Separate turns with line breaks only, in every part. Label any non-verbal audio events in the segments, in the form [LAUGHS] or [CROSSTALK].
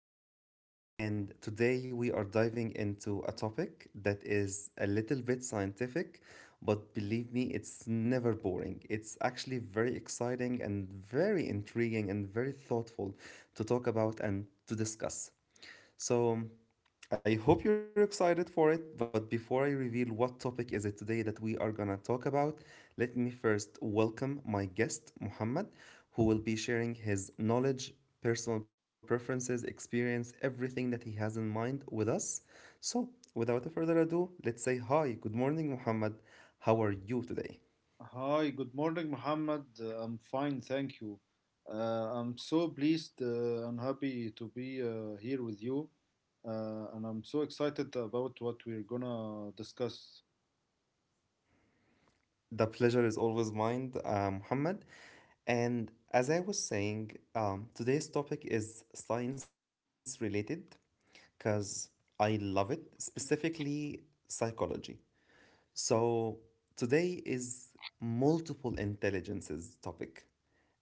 Muhammad, and today we are diving into a topic that is a little bit scientific, but believe me, it's never boring. It's actually very exciting and very intriguing and very thoughtful to talk about and to discuss. So, I hope you're excited for it, but before I reveal what topic is it today that we are gonna talk about, let me first welcome my guest, Muhammad, who will be sharing his knowledge, personal preferences, experience, everything that he has in mind with us. So, without further ado, let's say hi, good morning, Muhammad. How are you today?
Hi, good morning, Mohammed. I'm fine, thank you. I'm so pleased and happy to be here with you, and I'm so excited about what we're gonna discuss.
The pleasure is always mine, Muhammad. And as I was saying, today's topic is science related, because I love it, specifically psychology. So today is multiple intelligences topic.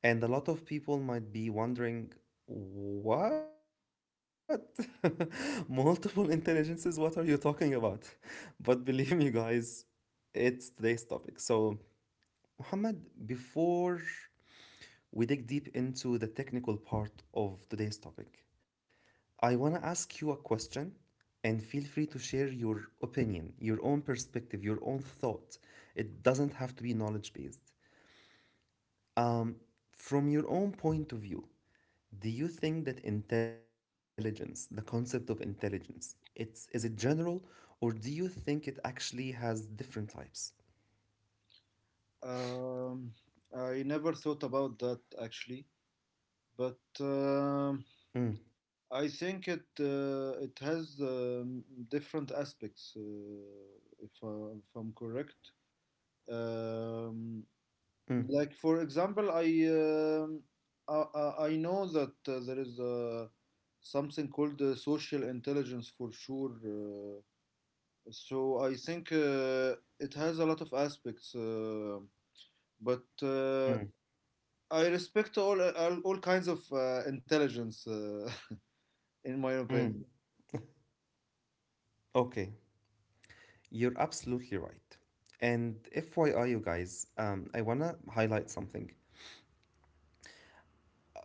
And a lot of people might be wondering, what? [LAUGHS] Multiple intelligences? What are you talking about? But believe me, guys, it's today's topic. So, Muhammad, before we dig deep into the technical part of today's topic, I want to ask you a question and feel free to share your opinion, your own perspective, your own thought. It doesn't have to be knowledge based. Um, from your own point of view, do you think that intelligence, the concept of intelligence, it's is it general, or do you think it actually has different types?
Um, I never thought about that actually, but
Mm,
I think it has different aspects, if I'm correct. Um,
mm,
Like for example, I know that there is something called social intelligence for sure. So I think it has a lot of aspects, but
mm,
I respect all kinds of intelligence, [LAUGHS] in my
mm.
opinion.
Okay, you're absolutely right. And FYI, you guys, I wanna highlight something.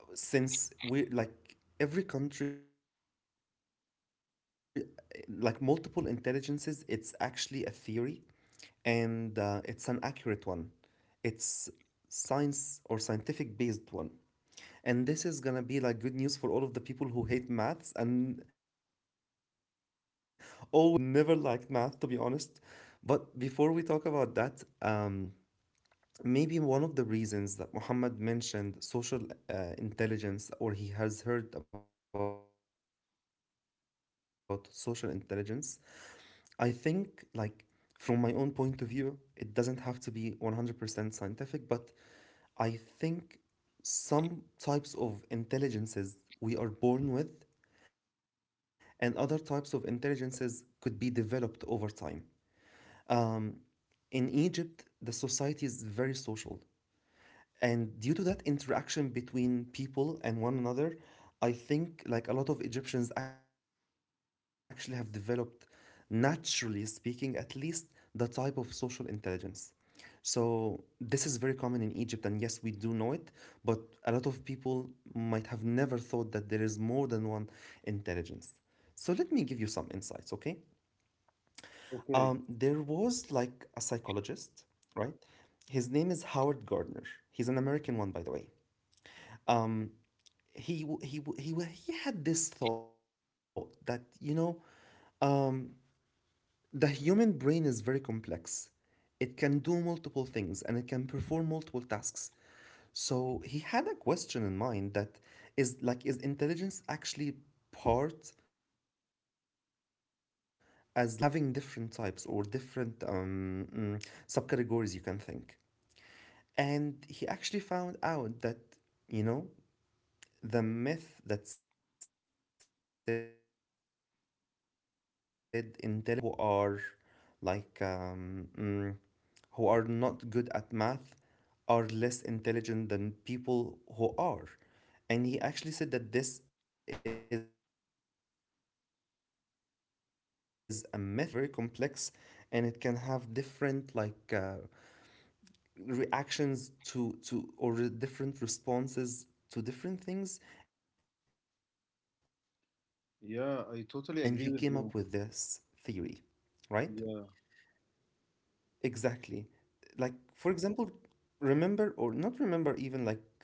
Since we like every country like multiple intelligences, it's actually a theory, and it's an accurate one. It's science or scientific based one, and this is gonna be like good news for all of the people who hate maths and always [LAUGHS] have felt bad about it. [LAUGHS] I relate to you, I never liked math, to be honest. But before we talk about that, maybe one of the reasons that Muhammad mentioned social intelligence, or he has heard about social intelligence, I think, like, from my own point of view, it doesn't have to be 100% scientific, but I think some types of intelligences we are born with, and other types of intelligences could be developed over time. In Egypt, the society is very social, and due to that interaction between people and one another, I think, like, a lot of Egyptians actually have developed, naturally speaking at least, the type of social intelligence. So this is very common in Egypt, and yes, we do know it. But a lot of people might have never thought that there is more than one intelligence. So let me give you some insights, okay? There was like a
Okay.
psychologist, right? His name is Howard Gardner. He's an American one, by the way. Um, he he he he had this thought that, you know, um, the human brain is very complex. It can do multiple things, and it can perform multiple tasks. So he had a question in mind, that is like, is intelligence actually part as like a unified concept, or is it, um, having different types or different subcategories, you can think? And he actually found out that, you know, the myth that said intelligence is unified, and people actually who are like who are not good at math are less intelligent than people who are. And he actually said that this is a myth. There is nothing as such. The human brain itself is very complex, and it can have different like reactions to or different responses to different things. And he came up with this theory,
Yeah,
right?
I totally agree with you.
Exactly. Like,
Yeah.
for example, remember or not remember, even like think of yourself, for example. um,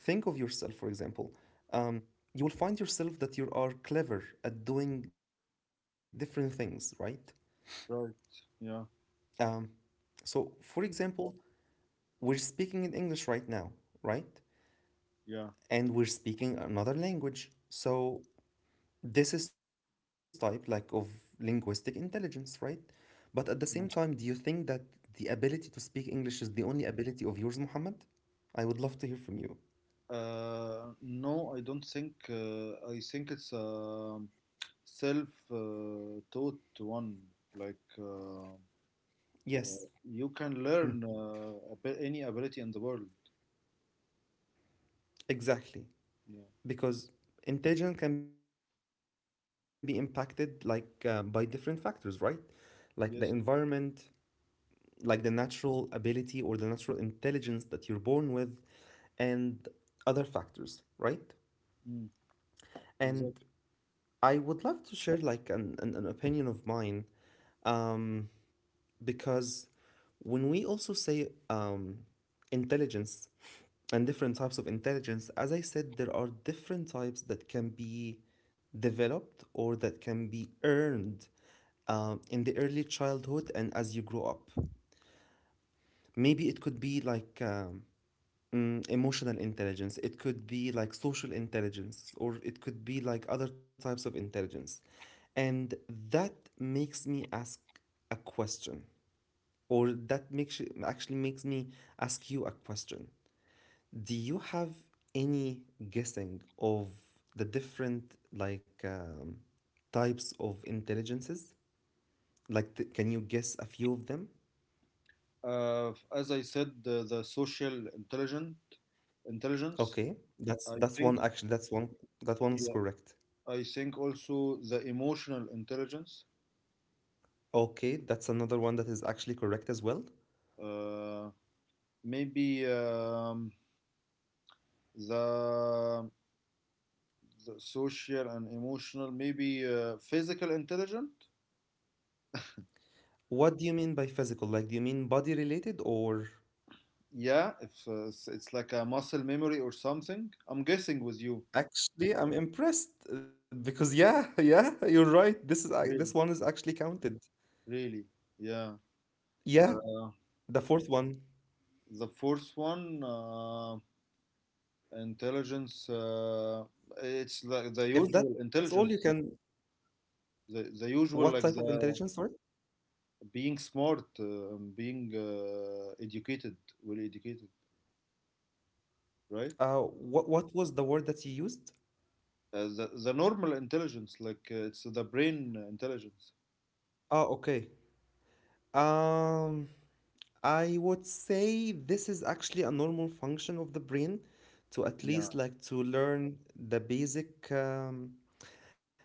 you will find yourself that you are clever at doing different things, right? um, so
Right.
for example,
Yeah.
we're speaking in English right now, right? And we're speaking another
Yeah.
language. So this is type like of linguistic intelligence, right? But at the same time, do you think that the ability to
Mm.
speak English is the only ability of yours, Muhammad? I would love to hear from you.
No, I don't think. I think it's self taught one, like,
Yes,
uh, you
mm,
can learn any ability in the world.
exactly.
Yeah.
Because intelligence can be impacted like by different factors, right? Like the environment,
Yes.
like the natural ability or the natural intelligence that you're born with, and other factors, right?
Mm,
And
exactly.
I would love to share like an opinion of mine, um, because when we also say, um, intelligence and different types of intelligence, as I said, there are different types that can be developed or that can be earned in the early childhood and as you grow up. Maybe it could be like emotional intelligence, it could be like social intelligence, or it could be like other types of intelligence. And that makes me ask a question, or that makes, actually makes me ask you a question. Do you have any guessing of the different like types of intelligences? Like, can you guess a few of them?
As I said, the social intelligent intelligence,
Okay,
I
that's
think.
one actually. That's one. That one's
Yeah,
correct.
I think also the emotional intelligence.
Okay, that's another one that is actually correct as well.
uh, Maybe the, the social and emotional, maybe physical intelligence.
What do you mean by physical? Like, do you mean body related, or?
Yeah, if it's like a muscle memory or something. I'm guessing with you.
Actually, I'm impressed because yeah, [LAUGHS] yeah, you're right. This
Really?
one is actually counted.
Really? Yeah.
Yeah.
Uh,
The fourth one,
the fourth one, intelligence. It's like the
if
usual
that's all you
intelligence.
can,
The usual,
what
like
type of
the
intelligence? Sorry.
being smart, being educated, well educated, right?
Uh, what was the word that you used?
The normal intelligence, like, it's the brain intelligence.
Oh, okay. Um, I would say this is actually a normal function of the brain to at
Yeah.
least like to learn the basic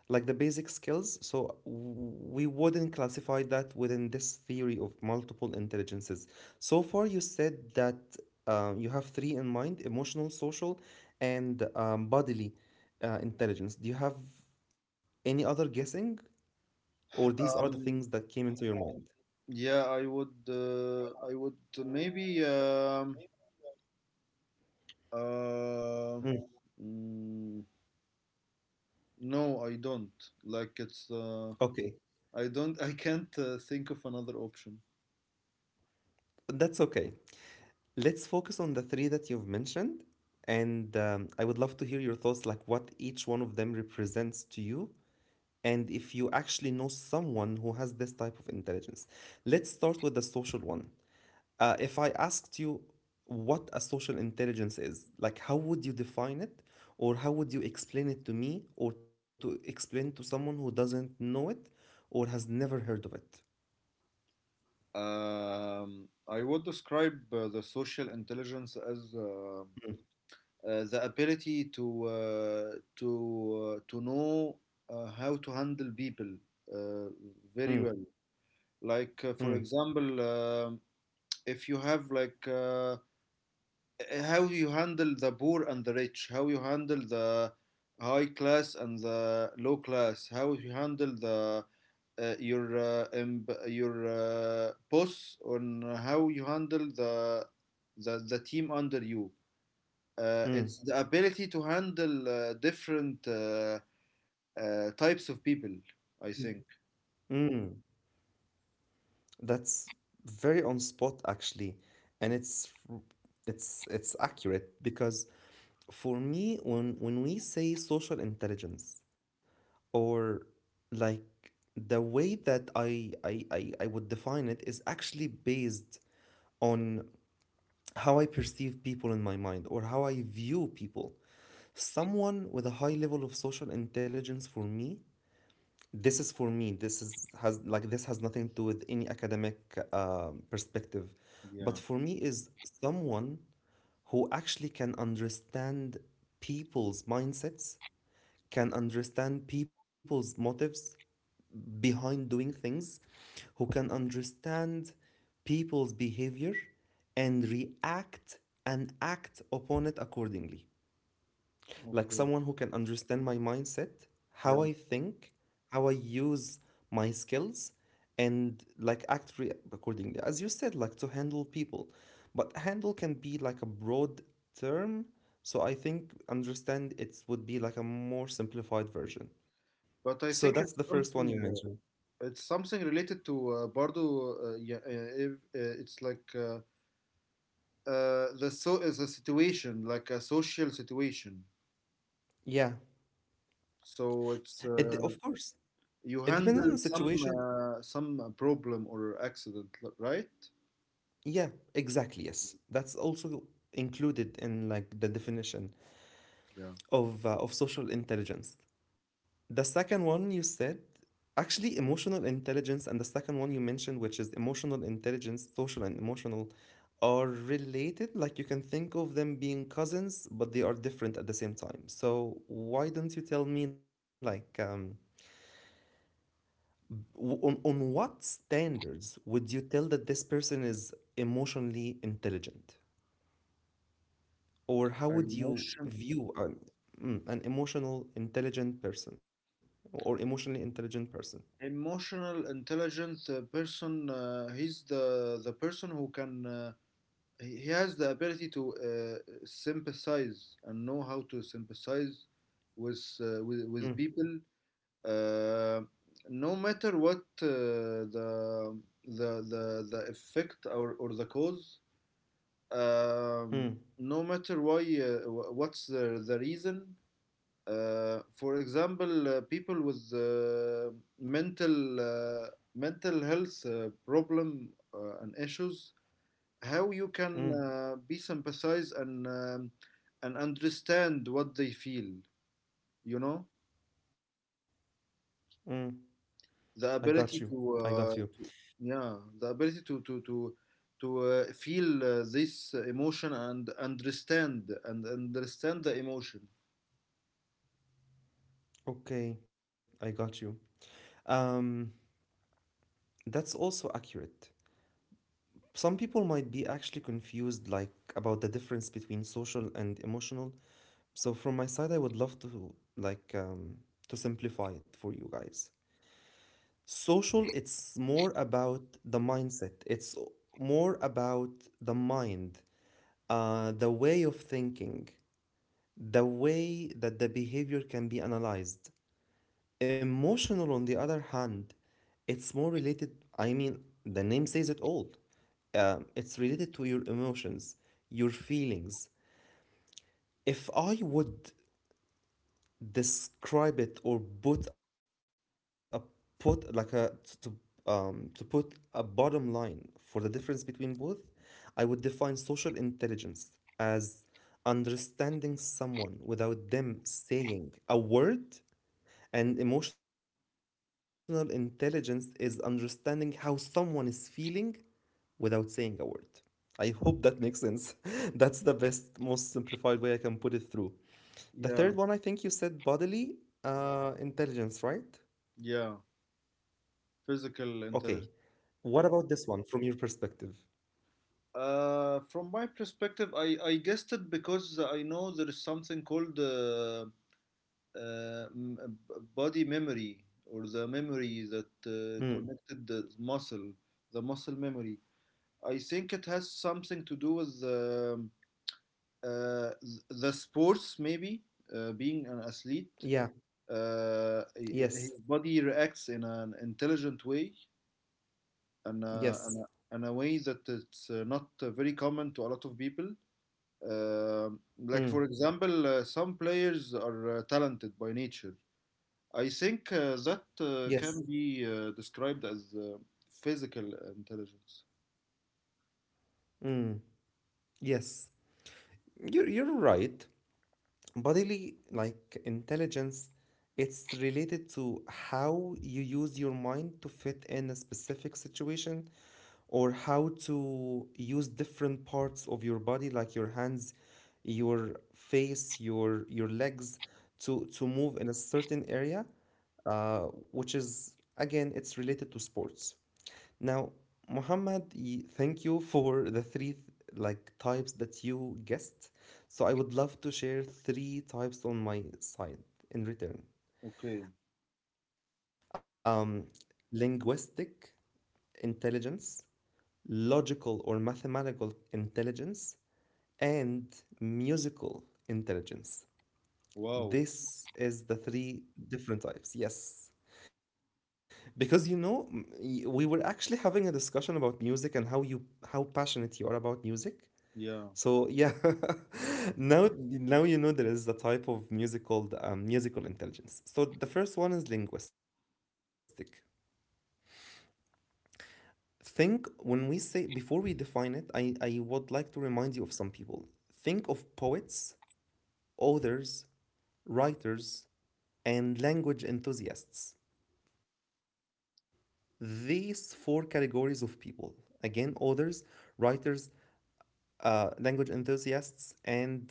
like the basic skills. So we wouldn't classify that within this theory of multiple intelligences. So far, you said that you have three in mind: emotional, social, and bodily intelligence. Do you have any other guessing, or these are the things
Um,
that came into your mind?
yeah, I would maybe. Uh,
Mm,
mm, no, I don't. Like, it's
okay,
I don't. [LAUGHS] I can't think of another option.
That's okay. Let's focus on the three that you've mentioned. And I would love to hear your thoughts, like what each one of them represents to you and if you actually know someone who has this type of intelligence. Let's start with the social one. If I asked you what a social intelligence is, like how would you define it, or how would you explain it to me, or to explain to someone who doesn't know it or has never heard of it?
I would describe the social intelligence as the ability to know how to handle people uh, very well.
Mm,
Like, for
mm,
example, if you have, like, how you handle the poor and the rich, how you handle the high class and the low class, how you handle the your your boss. On How you handle the team under you. It's the
mm.
ability to handle different types of people, I think.
Mm, that's very on spot actually, and
Mm,
it's accurate because for me, when we say social intelligence, or like the way that I would define it is actually based on how I perceive people in my mind or how I view people. Someone with a high level of social intelligence, for me, this is for me. This is has like this has nothing to do with any academic perspective, but
yeah.
for me is someone who actually can understand people's mindsets, can understand people's motives behind doing things, who can understand people's behavior and react and act upon it accordingly. Like
Okay.
someone who can understand my mindset, how
Yeah.
I think, how I use my skills, and like accordingly. As you said, like to handle people. But handle can be like a broad term. So I think understand it would be like a more simplified version.
But I
So
think
that's
it's
the first one
something
you mentioned.
uh, it's something related to bardo, it's like, the so is a situation, like a social situation.
Yeah.
So it's
It, of course,
you
it depends on the
handle some
situation.
uh, some problem or accident, right?
Yeah, exactly. Yes, that's also included in like the definition
Yeah.
of social intelligence. The second one you said, actually, emotional intelligence, and the second one you mentioned, which is emotional intelligence, social and emotional, are related. Like you can think of them being cousins, but they are different at the same time. So why don't you tell me like on what standards would you tell that this person is emotionally intelligent? Or how
A
would you
Emotion,
view an, mm, an emotional intelligent person or emotionally intelligent person?
emotional, intelligent person. He's the person who can. He has the ability to sympathize and know how to sympathize with
Mm,
people. Uh, no matter what, the effect or the cause,
mm,
um, no matter why, what's the reason. For example, people with mental uh, mental health problem and issues. How you can
mm,
be sympathize and understand what they feel, you know
mm. I
the
got you.
ability
I
to,
got you.
uh, to yeah, the ability to feel this emotion and understand the emotion.
Okay, I got you. Um, that's also accurate. Some people might be actually confused like about the difference between social and emotional. So from my side, I would love to like to simplify it for you guys. Social, it's more about the mindset. It's more about the mind, the way of thinking, the way that the behavior can be analyzed. Emotional, on the other hand, it's more related. I mean, the name says it all. It's related to your emotions, your feelings. If I would describe it or put a, put like a, to to put a bottom line for the difference between both, I would define social intelligence as understanding someone without them saying a word, and emotional intelligence is understanding how someone is feeling without saying a word. I hope that makes sense. [LAUGHS] That's the best, most simplified way I can put it through. The third one, I think you
Yeah.
said bodily intelligence, right?
Yeah, Physical
Okay.
intelligence.
What about this one from your perspective?
From my perspective, I guessed it because I know there is something called body memory, or the memory that
Mm.
connected the muscle memory. I think it has something to do with uh, the sports, maybe, being an athlete.
Yeah.
uh, his
Yes.
body reacts in an intelligent way, and uh, and a,
Yes.
and a way that it's not very common to a lot of people. Um like, for
Mm.
example, some players are talented by nature. I think that can
Yes.
be described as physical intelligence.
Mm. Yes. You're right. Bodily like intelligence, it's related to how you use your mind to fit in a specific situation, or how to use different parts of your body like your hands, your face, your legs, to move in a certain area, uh, which is, again, it's related to sports now. Muhammad, thank you for the three like types that you guessed. So I would love to share three types on my side in return.
Okay.
Um, Linguistic intelligence, logical or mathematical intelligence, and musical intelligence.
Wow.
This is the three different types. Yes. Because, you know, we were actually having a discussion about music and how you how passionate you are about music.
Yeah.
So yeah, [LAUGHS] now you know there is a type of music called musical intelligence. So the first one is linguistic. Think, when we say before we define it, I would like to remind you of some people. Think of poets, authors, writers, and language enthusiasts. These four categories of people. Again, authors, writers, language enthusiasts, and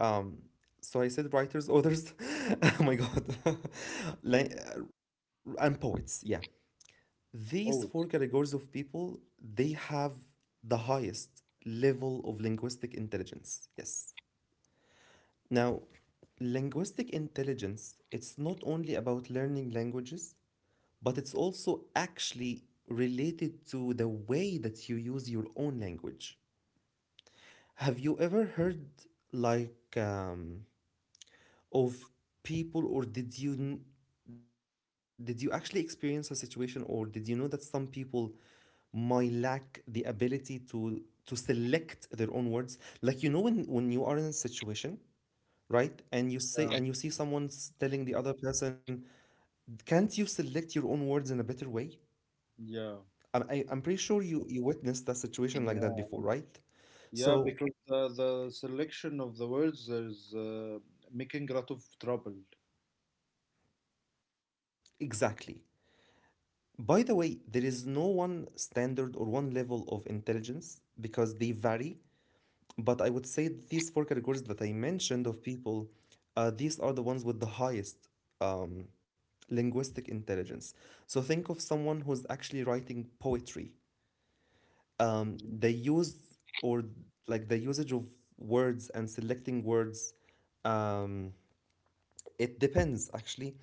Um, so I said writers, authors, [LAUGHS] oh my god, [LAUGHS] and poets. Yeah, these
Oh.
four categories of people, they have the highest level of linguistic intelligence. Yes. Now, linguistic intelligence, it's not only about learning languages, but it's also actually related to the way that you use your own language. Have you ever heard like of people, or did you actually experience a situation, or did you know that some people might lack the ability to select their own words? Like, you know, when you are in a situation, right, and you say,
Yeah.
and you see someone's telling the other person, can't you select your own words in a better way?
Yeah,
I'm pretty sure you witnessed that situation like that
yeah.
before, right?
Yeah,
So
because the selection of the words is making a lot of trouble.
exactly. By the way, there is no one standard or one level of intelligence, because they vary. But I would say these four categories that I mentioned of people, these are the ones with the highest um, linguistic intelligence. So think of someone who's actually writing poetry.
Mm.
They use or like the usage of words and selecting words, um, it depends actually.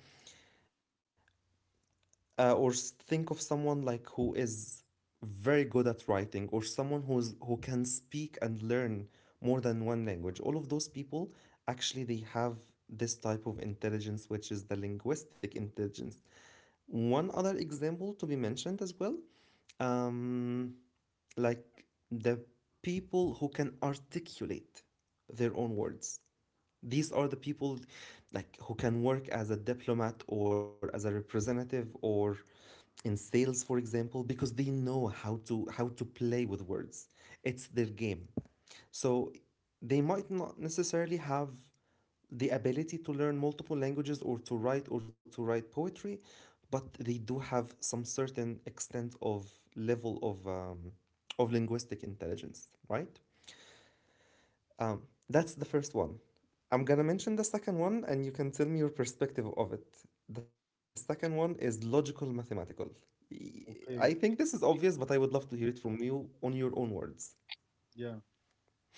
Uh, or s- Think of someone like who is very good at writing, or someone who's who can speak and learn more than one language. All of those people actually, they have this type of intelligence, which is the linguistic intelligence. One other example to be mentioned as well, um, like the people who can articulate their own words, these are the people like who can work as a diplomat or as a representative or in sales, for example, because they know how to play with words. It's their game. So they might not necessarily have the ability to learn multiple languages or to write, or to write poetry, but they do have some certain extent of level of linguistic intelligence, right? That's the first one. I'm gonna mention the second one and you can tell me your perspective of it. The second one is logical mathematical. I think
Okay,
this is obvious, but I would love to hear it from you on your own words.
yeah.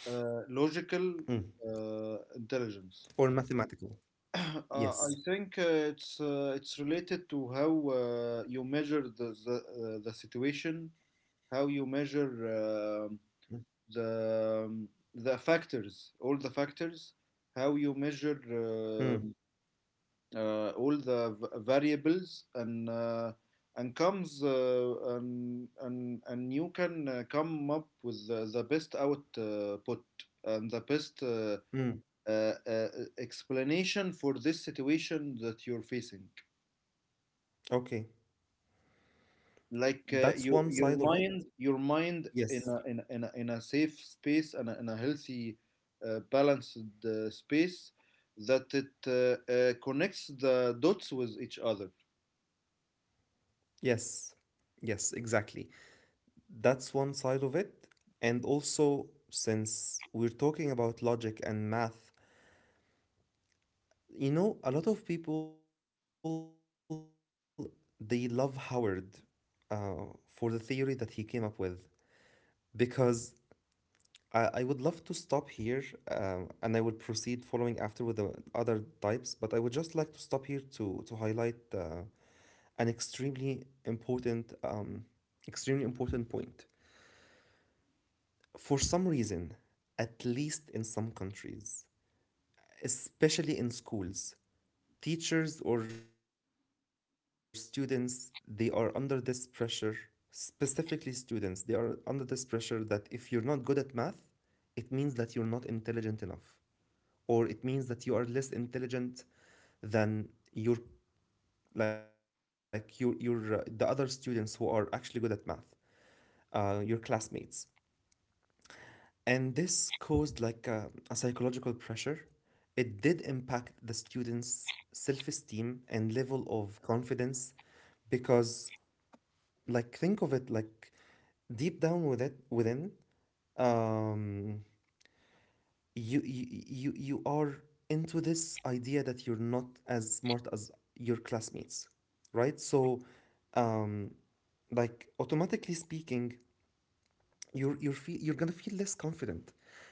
Logical
Mm.
intelligence. [COUGHS]
Or mathematical.
[CLEARS THROAT] uh, I
Yes.
think it's related to how you measure the situation, how you measure
Mm.
the um, the factors, all the factors, how you measure
Mm.
all the variables, and you can come up with the best output and the best
Mm.
uh, uh, explanation for this situation that you're facing.
Okay.
Like,
That's
your
one
your
side of it.
mind your mind in
Yes.
a, in a, in a, in a safe space and a healthy, balanced space that it connects the dots with each other.
Yes. Yes, exactly. That's one side of it. And also, since we're talking about logic and math, you know, a lot of people, they love Howard for the theory that he came up with. Because I would love to stop here, and I will proceed following after with the other types, but I would just like to stop here to highlight an important um, extremely important point. For some reason, at least in some countries, especially in schools, teachers or students, they are under this pressure. Specifically students, they are under this pressure that if you're not good at math, it means that you're not intelligent enough, or it means that you are less intelligent than your like your the other students who are actually good at math, your classmates. And this caused like a psychological pressure. It did impact the students' self-esteem and level of confidence. Because, like, think of it, like, deep down with it within, um you are into this idea that you're not as smart as your classmates, right? So um like, automatically speaking, you're gonna feel less confident.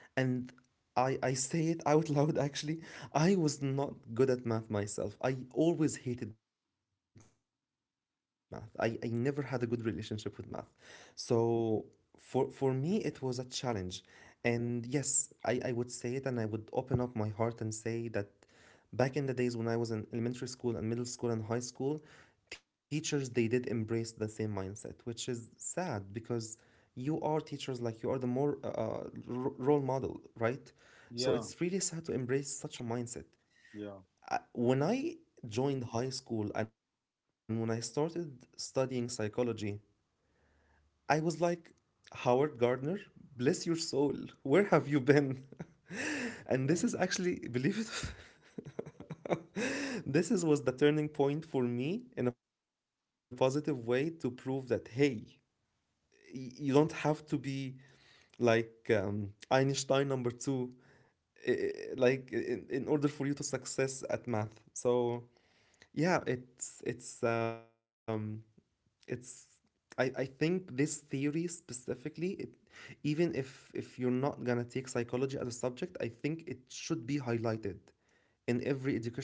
And I say it out [LAUGHS] loud, actually. I was not good at math myself. I always hated math. I never had a good relationship with math. So for me it was a challenge. And yes, I would say it and I would open up my heart and say that back in the days when I was in elementary school and middle school and high school, teachers, they did embrace the same mindset, which is sad because you are teachers. Like, you are the more role model, right? So it's really sad to
Yeah.
embrace such a mindset.
Yeah.
When I joined high school and when I started studying psychology, I was like, Howard Gardner, bless your soul. Where have you been? [LAUGHS] And this is actually,
Yeah.
believe it, [LAUGHS] this is, was the turning point for me in a positive way to prove that, hey, you don't have to be like Einstein number two, eh, like in order for you to success at math. So yeah, it's it's I think this theory specifically it, even if you're not gonna take psychology as a subject, I think it should be highlighted in every educational system,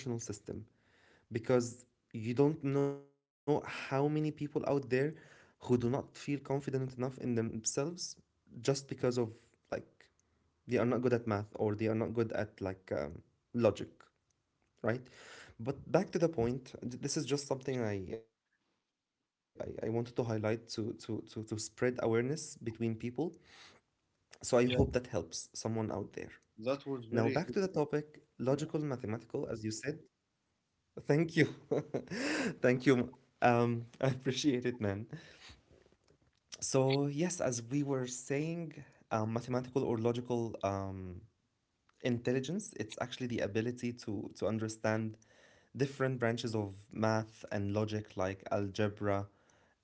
because you don't know how many people out there who do not feel confident enough in themselves just because of like they are not good at math, or they are not good at like logic, right? But back to the point, this is just something I wanted to highlight to, to spread awareness between people. So I hope that helps someone out
Yeah,
there. Now, back to the topic
that was very
logical,
helpful.
mathematical, as you
Yeah,
said. Thank you. [LAUGHS] Thank you. I appreciate it, man. So, yes, as we were saying, mathematical or logical intelligence, it's actually the ability to understand different branches of math and logic like algebra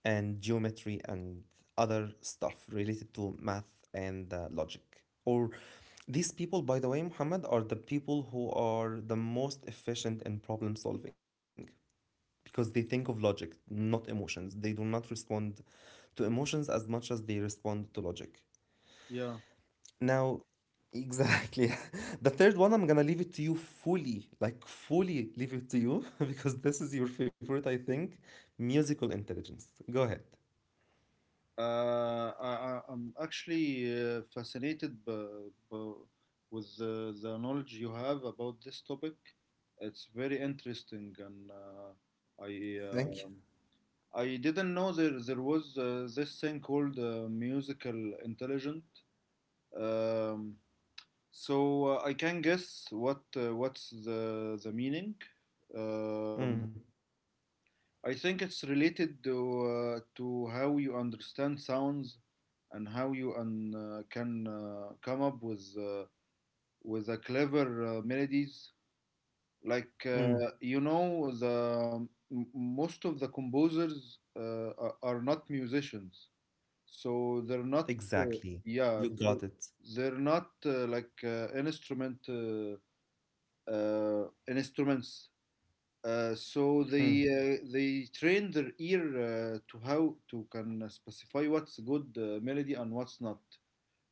and geometry and other stuff related to math and logic. Or these people, by the way, Muhammad, are the people who are the most efficient in problem solving, because they think of logic, not emotions. They do not respond to emotions as much as they respond to logic.
yeah.
Now, exactly. [LAUGHS] The third one, I'm gonna leave it to you fully, like fully leave it to you, [LAUGHS] because this is your favorite, I think. Musical intelligence. Go ahead.
I'm actually fascinated b b with the knowledge you have about this topic. It's very interesting, and I
Thank you.
um I didn't know there was this thing called musical intelligent. Um, so I can guess what's the meaning. Um,
Mm,
I think it's related to how you understand sounds, and how you can come up with a clever, melodies. Like,
mm,
most of the composers are not musicians, so they're not, uh,
exactly.
yeah,
You
so
got it.
they're not, like, instruments. So
Mm,
they train their ear to how to can specify what's good, melody and what's not.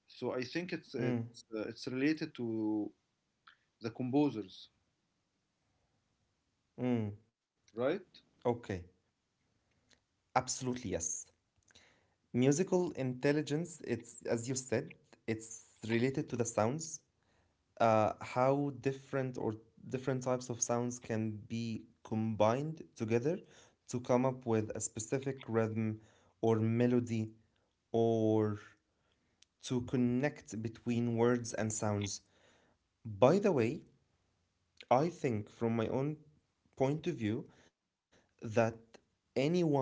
So I think it's
mm,
it's uh, it's related to the composers,
mm.
right?
Okay. Absolutely, yes. Musical intelligence, it's, as you said, it's related to the sounds. How different, or different types of sounds can be combined together to come up with a specific rhythm or melody, or to connect between words and sounds. By the way, I think from my own point of view that anyone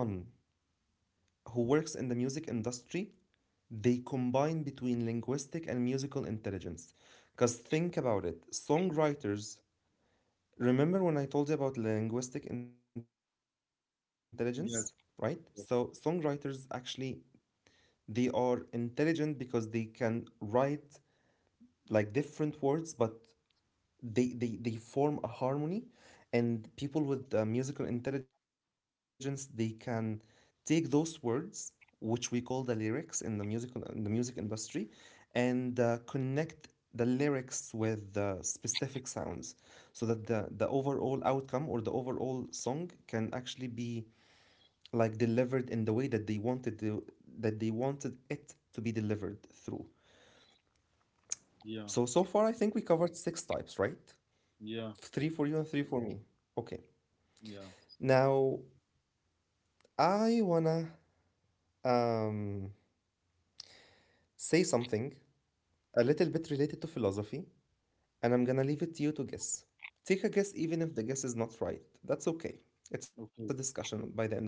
who works in the music industry, they combine between linguistic and musical intelligence. Because think about it, songwriters. Remember when I told you about linguistic intelligence, right? So
Yes,
songwriters
yes,
actually, they are intelligent because they can write like different words, but they form a harmony. And people with musical intelligence, they can take those words, which we call the lyrics, in the musical in the music industry, and connect the lyrics with the specific sounds, so that the overall outcome or the overall song can actually be like delivered in the way that they wanted to, that they wanted it to be delivered through. So
yeah,
so far I think we covered six types, right?
yeah,
Three for you and three for me. Okay.
yeah.
Now, I wanna um, say something a little bit related to philosophy, and I'm gonna leave it to you to guess. Take a guess, even if the guess is not right. That's okay. It's a
Okay,
discussion by the end of the day.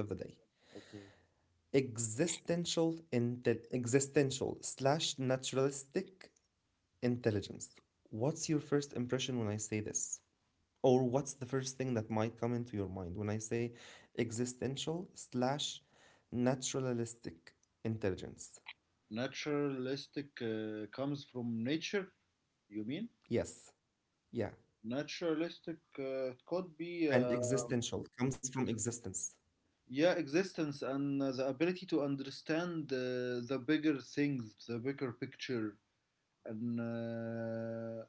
okay.
Existential, existential slash naturalistic intelligence. What's your first impression when I say this? Or what's the first thing that might come into your mind when I say existential slash naturalistic intelligence?
Naturalistic comes from nature, you mean?
Yes, yeah.
Naturalistic could be,
And existential comes from existence.
yeah, existence, and the ability to understand the bigger things, the bigger picture, and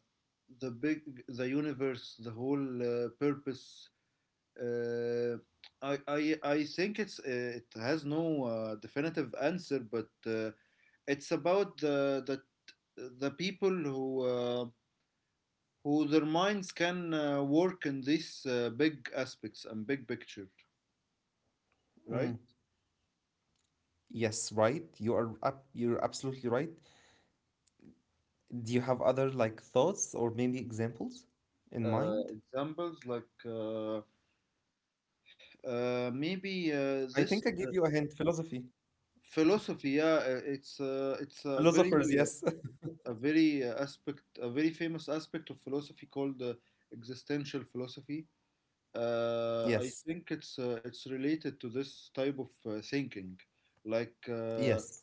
the big the universe, the whole purpose. uh, I think it has no definitive answer, but it's about the people who their minds can work in these big aspects and big picture,
Mm.
right?
Yes, right. You're absolutely right. Do you have other like thoughts or maybe examples in mind?
Examples, like, maybe
I think
this
I give you a hint. Philosophy.
philosophy, yeah, it's
Philosophers, yes. [LAUGHS]
a very, aspect, a very famous aspect of philosophy called existential philosophy. I
Yes,
think it's related to this type of thinking, like,
yes,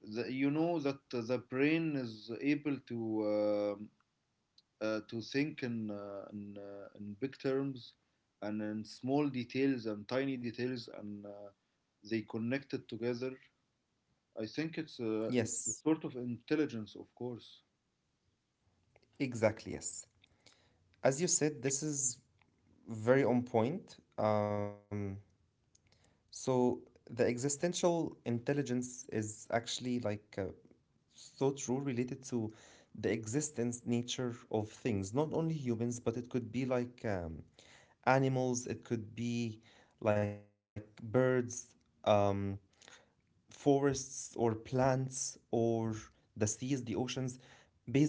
you know that the brain is able um to think in big terms, and in small details and tiny details, and they connect it together. I think it's a, it's
yes,
a sort of intelligence, of course.
exactly, yes. As you said, this is very on point. So the existential intelligence is actually like thought rule related to the existence nature of things, not only humans, but it could be like animals, it could be like birds, um, forests, or plants, or the seas, the oceans,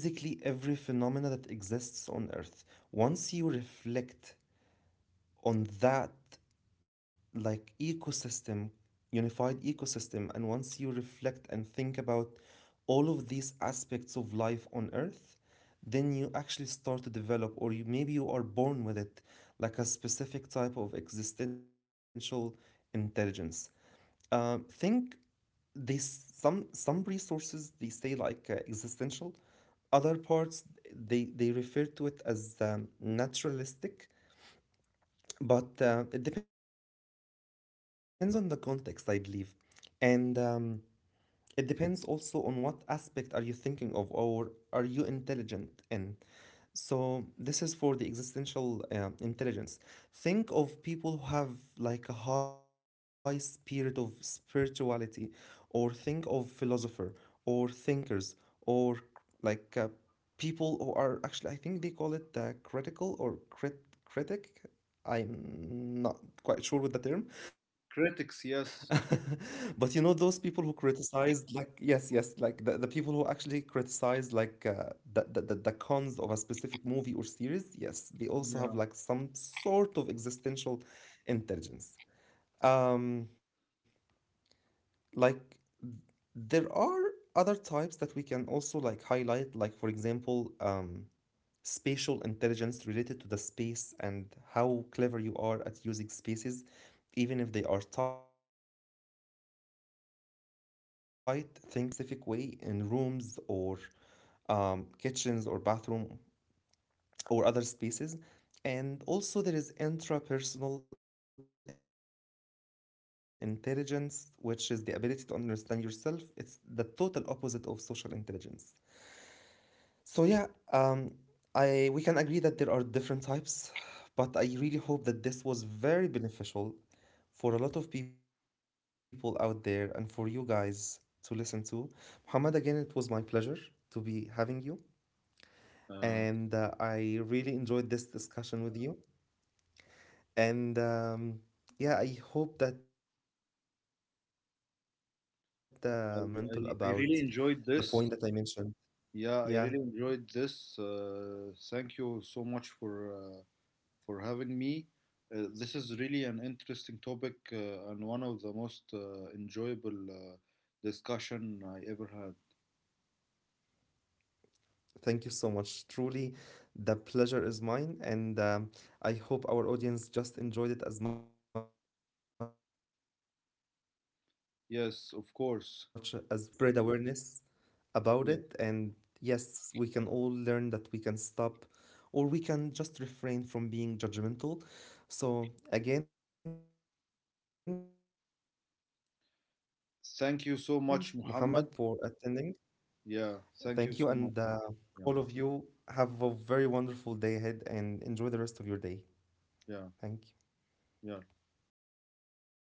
basically every phenomena that exists on Earth. Once you reflect on that like ecosystem, unified ecosystem. And once you reflect and think about all of these aspects of life on Earth, then you actually start to develop, or you, maybe you are born with it, like a specific type of existential intelligence. Think these some resources, they say like existential, other parts, they refer to it as naturalistic, but it depends on the context, I believe. And it depends also on what aspect are you thinking of, or are you intelligent in. So this is for the existential intelligence. Think of people who have like a high spirit of spirituality, or think of philosopher or thinkers, or like people who are actually, I think they call it critical, or critic. I'm not quite sure with the term, [LAUGHS]
Critics,
but you
yes.
know those people who criticized, like yes, yes, like the people who actually criticized like the, the cons of a specific movie or series. Yes, they also have like
Yeah.
some sort of existential intelligence. Um, like there are other types that we can also like highlight, like for example, spatial intelligence related to the space and how clever you are at using spaces, even if they are tight. Think of people who like place the furniture in a specific way in rooms or kitchens or bathroom or other spaces. And also, there is intrapersonal intelligence, which is the ability to understand yourself. It's the total opposite of social intelligence. So yeah, um, I we can agree that there are different types, but I really hope that this was very beneficial for a lot of people out there and for you guys to listen to. Muhammad, again, it was my pleasure to be having you, and
Uh,
I really enjoyed this discussion with you. And yeah, I hope that at some point the educational
I,
system
I
stops
I
being
really enjoyed
judgmental
this.
about the point that
Yeah,
I
I really
mentioned.
enjoyed this.
Yeah.
Thank you so much for having me. This is really an interesting topic, and one of the most enjoyable discussion I ever had.
Thank you so much. Truly, the pleasure is mine, and I hope our audience just enjoyed it as much as we did. And
Yes,
I
of
hope that you
course.
guys spread awareness
Yeah.
about it. And yes, we can all learn that we can stop, or we can just refrain from being judgmental. So, again, Muhammad, thank you for your time.
Thank
Thank
you
you
so much,
guys
Muhammad.
for your time and for attending.
Yeah, thank you so much.
Thank you,
Yeah,
and all of you have a very wonderful day ahead and enjoy the
yeah,
rest of your day.
yeah.
Thank you.
Goodbye.